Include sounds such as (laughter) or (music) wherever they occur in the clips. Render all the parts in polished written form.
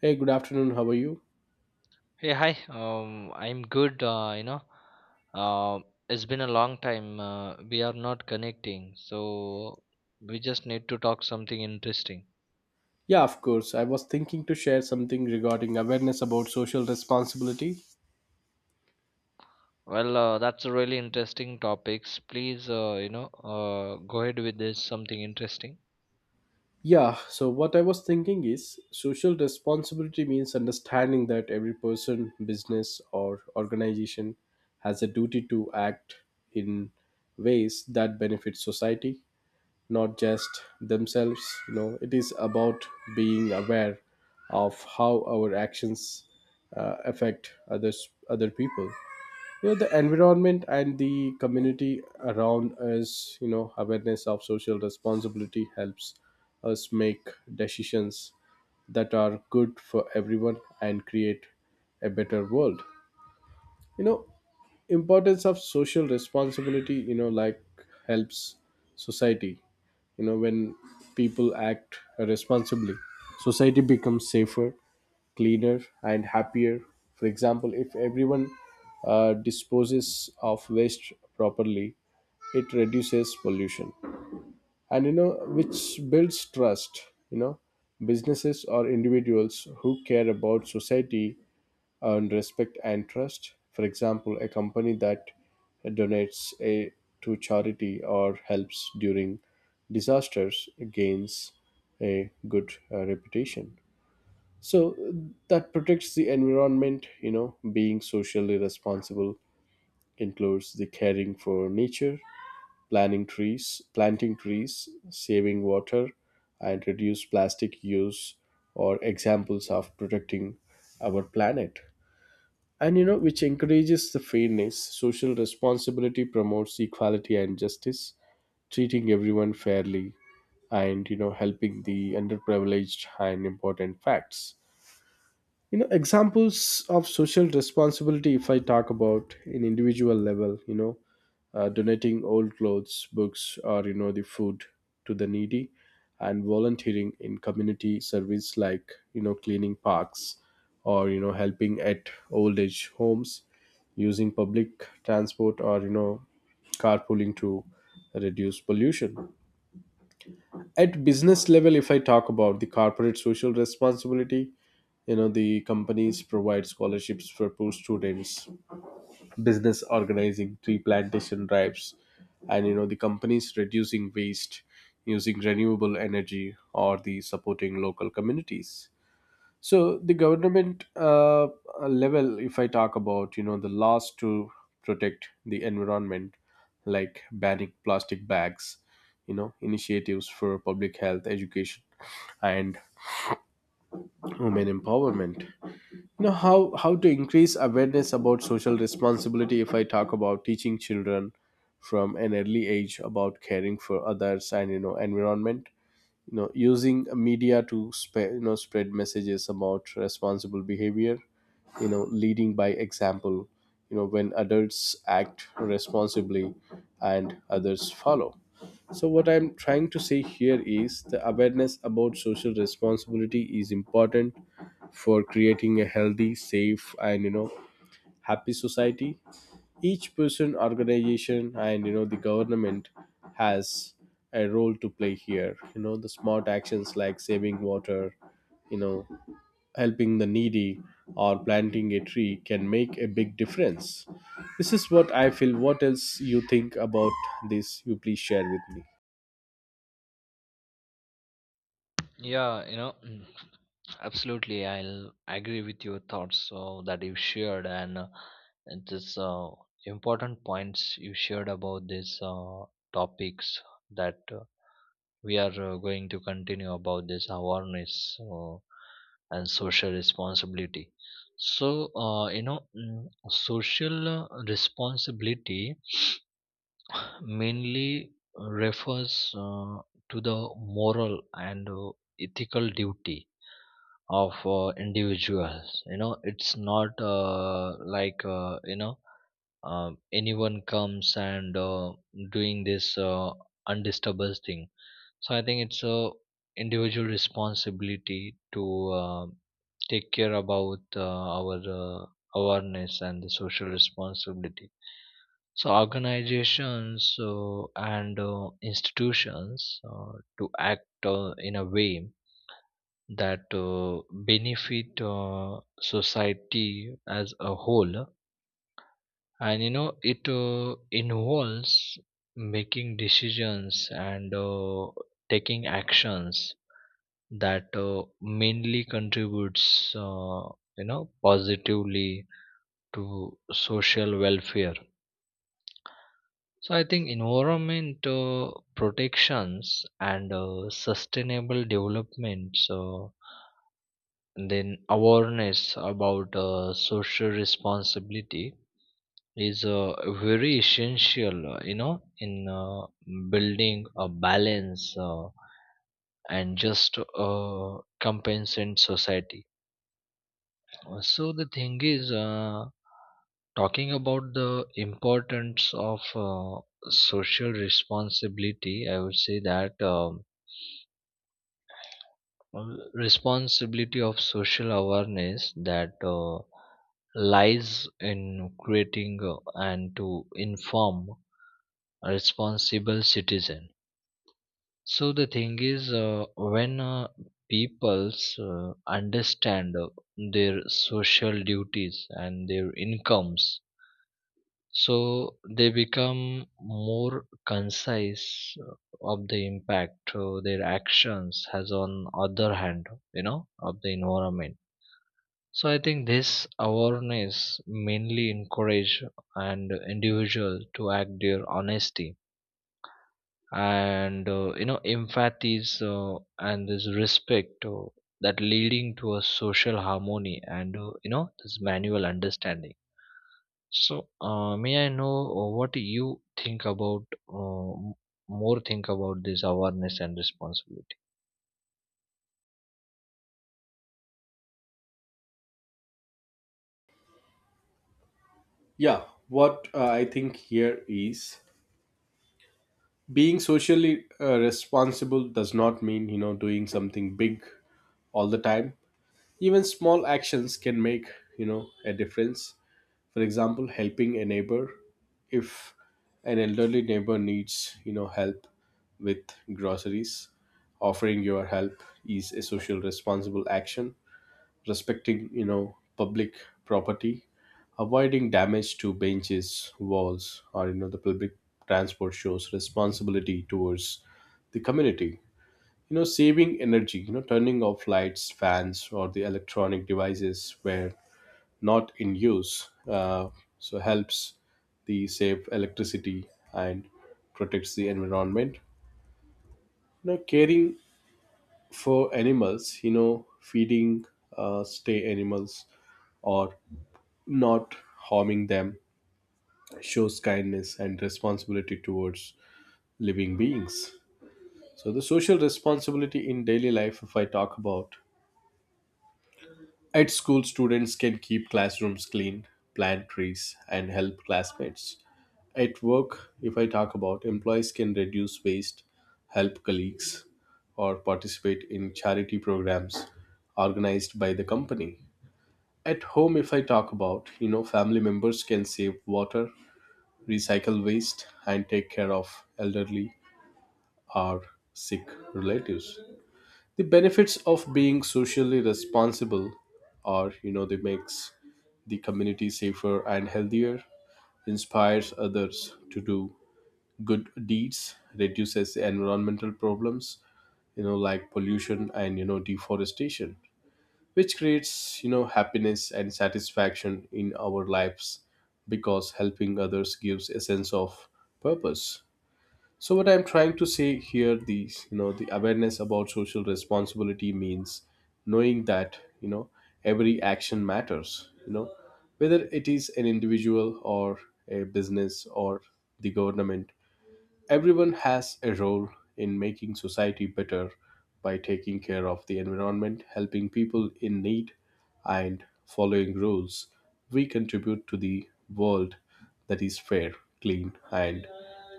Hey, good afternoon. How are you? Hey, hi. I'm good. Uh, it's been a long time. We are not connecting, so we just need to talk something interesting. Yeah, of course. I was thinking to share something regarding awareness about social responsibility. Well, that's a really interesting topics. Please, go ahead with this something interesting. Yeah, so what I was thinking is social responsibility means understanding that every person, business, or organization has a duty to act in ways that benefit society, not just themselves. You know, it is about being aware of how our actions affect others, other people, you know, the environment and the community around us. You know, awareness of social responsibility helps us make decisions that are good for everyone and create a better world. You know, importance of social responsibility, you know, like helps society. You know, when people act responsibly, society becomes safer, cleaner, and happier. For example, if everyone disposes of waste properly, it reduces pollution. And you know, which builds trust. You know, businesses or individuals who care about society earn respect and trust. For example, a company that donates a, to charity or helps during disasters gains a good reputation. So that protects the environment. You know, being socially responsible includes the caring for nature, planting trees, saving water, and reduce plastic use, or examples of protecting our planet. And you know, which encourages the fairness. Social responsibility promotes equality and justice, treating everyone fairly and you know helping the underprivileged and important facts. You know, examples of social responsibility, if I talk about in individual level, you know, donating old clothes, books, or you know the food, to the needy, and volunteering in community service like you know cleaning parks or you know helping at old age homes, using public transport or you know carpooling to reduce pollution. At business level, if I talk about the corporate social responsibility, you know, the companies provide scholarships for poor students, business organizing tree plantation drives, and you know the companies reducing waste, using renewable energy or the supporting local communities. So the government level, if I talk about, you know, the laws to protect the environment, like banning plastic bags, you know, initiatives for public health, education, and women empowerment. You know, how to increase awareness about social responsibility. If I talk about teaching children from an early age about caring for others and you know environment, you know using media to spread, you know, spread messages about responsible behavior, you know leading by example. You know, when adults act responsibly and others follow. So what I'm trying to say here is the awareness about social responsibility is important for creating a healthy, safe, and you know happy society. Each person, organization, and you know the government, has a role to play here. You know, the smart actions like saving water, you know, helping the needy, or planting a tree can make a big difference. This is what I feel. What else you think about this, you please share with me? Yeah, you know, absolutely. I'll agree with your thoughts so that you shared, and this important points you shared about this topics that. We are going to continue about this awareness uh, and social responsibility. So, uh, you know mm, social responsibility (sniffs) mainly refers to the moral and ethical duty of individuals. You know, it's not like anyone comes and doing this undisturbed thing. So I think it's a individual responsibility to uh, take care about our awareness and the social responsibility. So organizations and institutions to act in a way that benefit society as a whole. And you know, it involves making decisions and taking actions that mainly contributes you know positively to social welfare. So I think environment protections and sustainable development, so and then awareness about social responsibility is very essential, you know, in building a balance and just compensate society. So the thing is, talking about the importance of social responsibility, I would say that responsibility of social awareness that lies in creating and to inform a responsible citizen. So the thing is, when peoples understand their social duties and their incomes, so they become more concise of the impact their actions has on other hand, you know, of the environment. So I think this awareness mainly encourage and individual to act their honesty and you know empathies and this respect that leading to a social harmony and you know this manual understanding. So, may I know what you think about uh, m- more think about this awareness and responsibility? Yeah, what I think here is being socially responsible does not mean you know doing something big all the time. Even small actions can make, you know, a difference. For example, helping a neighbor. If an elderly neighbor needs, you know, help with groceries, offering your help is a social responsible action. Respecting, you know, public property, avoiding damage to benches, walls, or you know the public transport shows responsibility towards the community. You know, saving energy, you know turning off lights, fans, or the electronic devices where not in use, so helps the save electricity and protects the environment. You know, caring for animals, you know feeding stay animals or not harming them shows kindness and responsibility towards living beings. So the social responsibility in daily life, if I talk about, at school, students can keep classrooms clean, plant trees, and help classmates. At work, if I talk about, employees can reduce waste, help colleagues, or participate in charity programs organized by the company. At home, if I talk about, you know, family members can save water, recycle waste, and take care of elderly or sick relatives. The benefits of being socially responsible are, you know, they makes the community safer and healthier, inspires others to do good deeds, reduces the environmental problems, you know, like pollution and you know deforestation, which creates, you know, happiness and satisfaction in our lives, because helping others gives a sense of purpose. So what I'm trying to say here, these, you know, the awareness about social responsibility means knowing that, you know, every action matters. You know, whether it is an individual or a business or the government, everyone has a role in making society better by taking care of the environment, helping people in need, and following rules. We contribute to the world that is fair, clean, and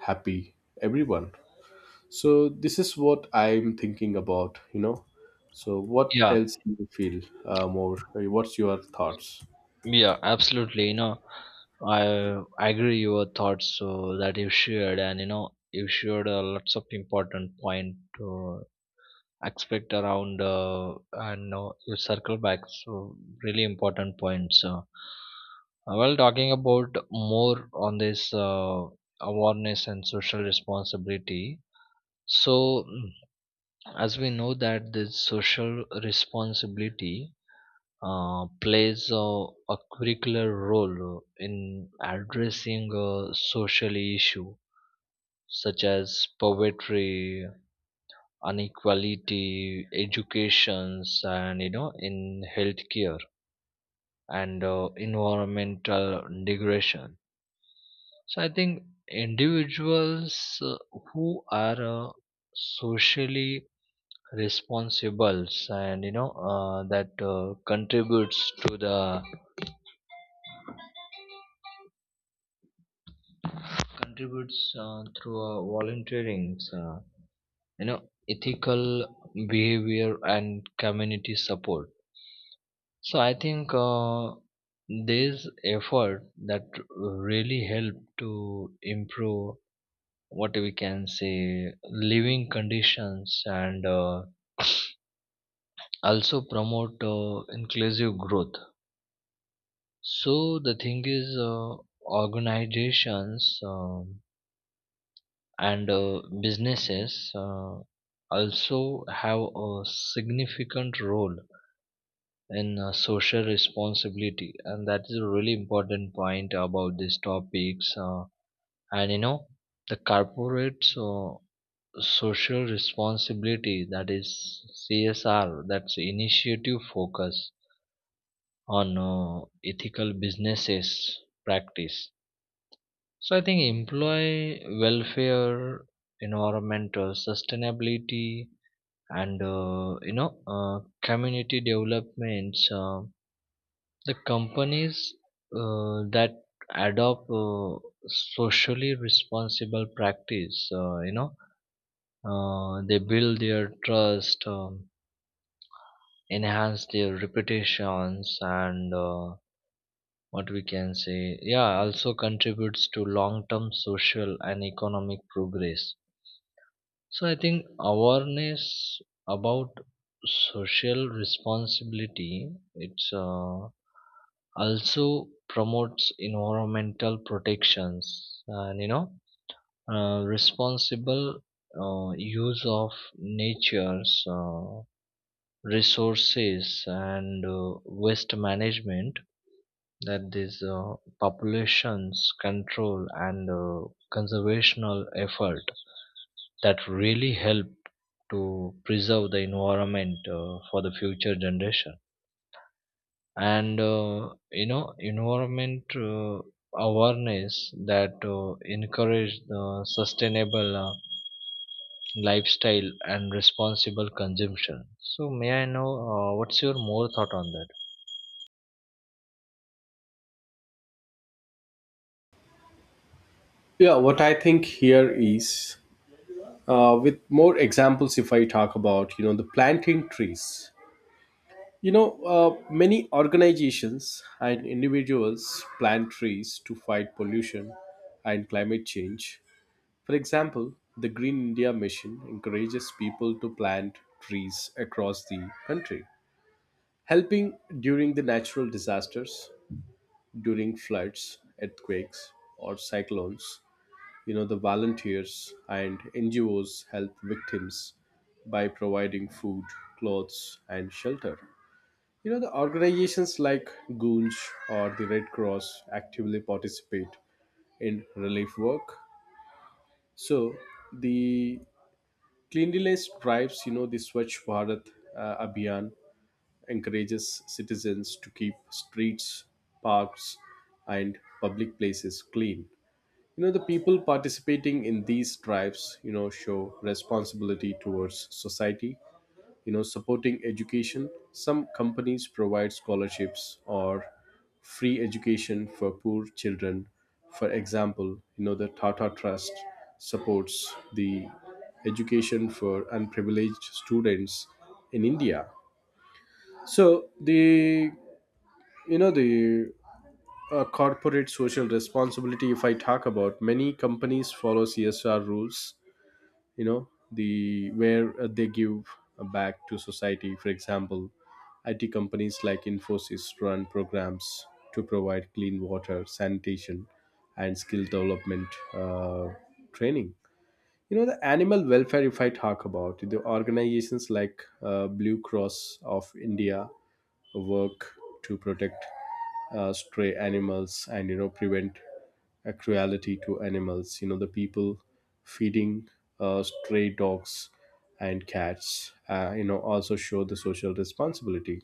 happy everyone. So this is what I'm thinking about, you know. So what Yeah, else do you feel more? Like, what's your thoughts? yeah, absolutely. You know, I agree your thoughts that you shared, and you know, you shared lots of important point to expect around, and you circle back. So, really important points. Well, talking about more on this awareness and social responsibility. So, as we know that the social responsibility plays a curricular role in addressing a social issue such as poverty, inequality, educations, and you know, in healthcare and environmental degradation. So, I think individuals who are socially responsibles, and you know that contributes to the contributes through volunteering, you know, ethical behavior and community support. So I think this effort that really help to improve what we can say living conditions and also promote inclusive growth. So the thing is, organizations and businesses also have a significant role in social responsibility, and that is a really important point about these topics. And you know, the corporate social responsibility, that is CSR, that's initiative focus on ethical businesses practice. So I think employee welfare, environmental sustainability, and you know community developments. The companies that adopt socially responsible practice, they build their trust, enhance their reputations, and what we can say, yeah, also contributes to long-term social and economic progress. So I think awareness about social responsibility, it's also promotes environmental protections and you know responsible use of nature's resources and waste management, that these populations control and conservational effort that really help to preserve the environment for the future generation. And you know environment awareness that encourage the sustainable lifestyle and responsible consumption. So may I know what's your more thought on that? Yeah, what I think here is with more examples. If I talk about, you know, the planting trees. You know, many organizations and individuals plant trees to fight pollution and climate change. For example, the Green India Mission encourages people to plant trees across the country, helping during the natural disasters, during floods, earthquakes, or cyclones. You know, the volunteers and NGOs help victims by providing food, clothes, and shelter. You know, the organizations like Goonj or the Red Cross actively participate in relief work. So, the cleanliness drives, you know, the Swachh Bharat Abhiyan encourages citizens to keep streets, parks, and public places clean. You know, the people participating in these drives, you know, show responsibility towards society, you know, supporting education. Some companies provide scholarships or free education for poor children. For example, you know, the Tata Trust supports the education for unprivileged students in India. So the, you know, the corporate social responsibility, if I talk about, many companies follow CSR rules. You know, the where they give back to society. For example, IT companies like Infosys run programs to provide clean water, sanitation, and skill development training. You know, the animal welfare, if I talk about, the organizations like Blue Cross of India work to protect stray animals and you know prevent cruelty to animals. You know, the people feeding stray dogs and cats, you know, also show the social responsibility.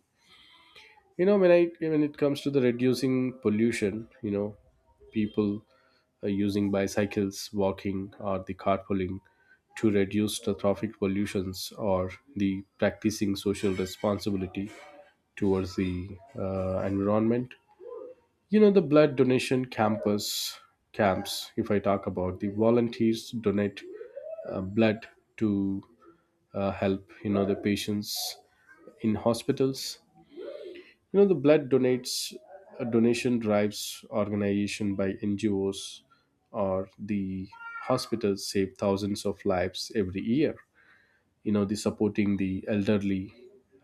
You know, when it comes to the reducing pollution, you know, people are using bicycles, walking, or the carpooling to reduce the traffic pollutions, or the practicing social responsibility towards the environment. You know, the blood donation campus, camps, if I talk about, the volunteers donate blood to help, you know, the patients in hospitals. You know, the blood donates donation drives organization by NGOs or the hospitals save thousands of lives every year. You know, the supporting the elderly,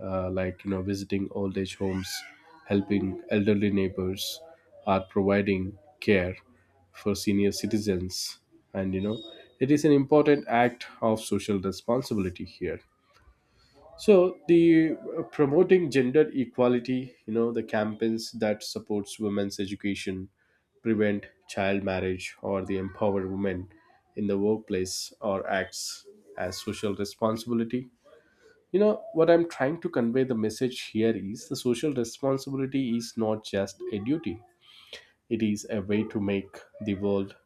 like you know, visiting old age homes, helping elderly neighbors, are providing care for senior citizens, and you know, it is an important act of social responsibility here. So the promoting gender equality, you know, the campaigns that supports women's education, prevent child marriage, or the empower women in the workplace, or acts as social responsibility. You know what I'm trying to convey the message here is the social responsibility is not just a duty. It is a way to make the world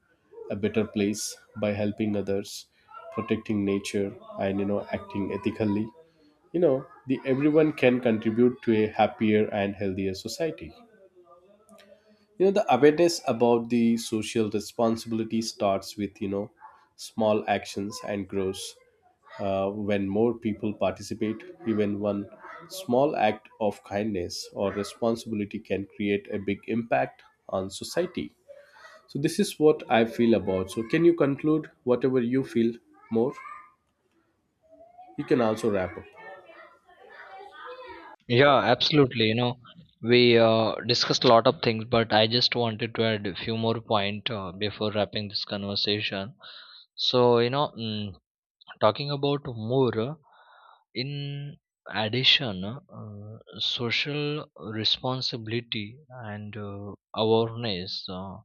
a better place by helping others, protecting nature, and you know acting ethically. You know, the everyone can contribute to a happier and healthier society. You know, the awareness about the social responsibility starts with, you know, small actions and grows when more people participate. Even one small act of kindness or responsibility can create a big impact on society. So this is what I feel about. So can you conclude whatever you feel more? You can also wrap up. Yeah, absolutely. You know, we discussed a lot of things, but I just wanted to add a few more point before wrapping this conversation. So you know, talking about more, in addition, social responsibility and awareness,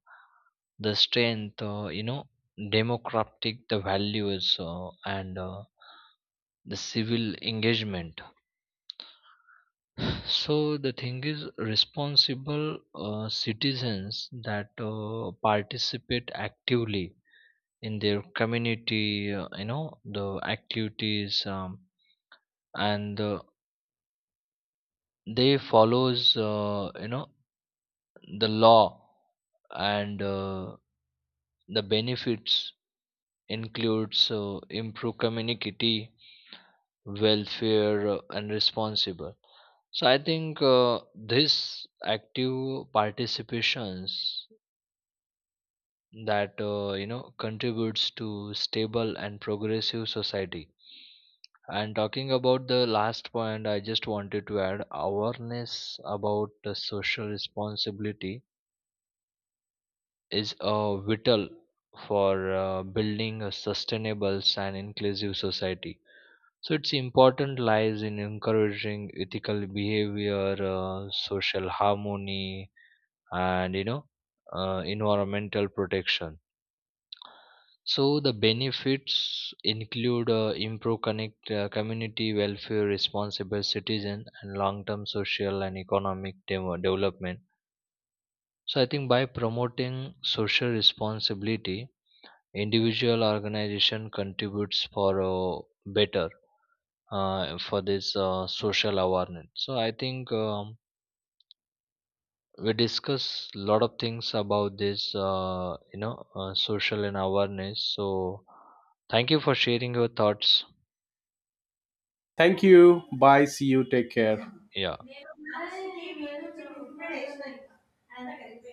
the strength, you know, democratic the values and the civil engagement. So the thing is, responsible citizens that participate actively in their community, you know, the activities. And they follows you know the law and the benefits includes improve community welfare and responsible. So I think this active participations that you know contributes to stable and progressive society. And talking about the last point, I just wanted to add, awareness about the social responsibility is vital for building a sustainable and inclusive society. So its important lies in encouraging ethical behavior, social harmony, and you know, environmental protection. So the benefits include improved connect community welfare, responsible citizen, and long-term social and economic development. So I think by promoting social responsibility, individual organization contributes for better for this social awareness. So I think we discuss a lot of things about this, social and awareness. So thank you for sharing your thoughts. Thank you. Bye. See you. Take care. Yeah.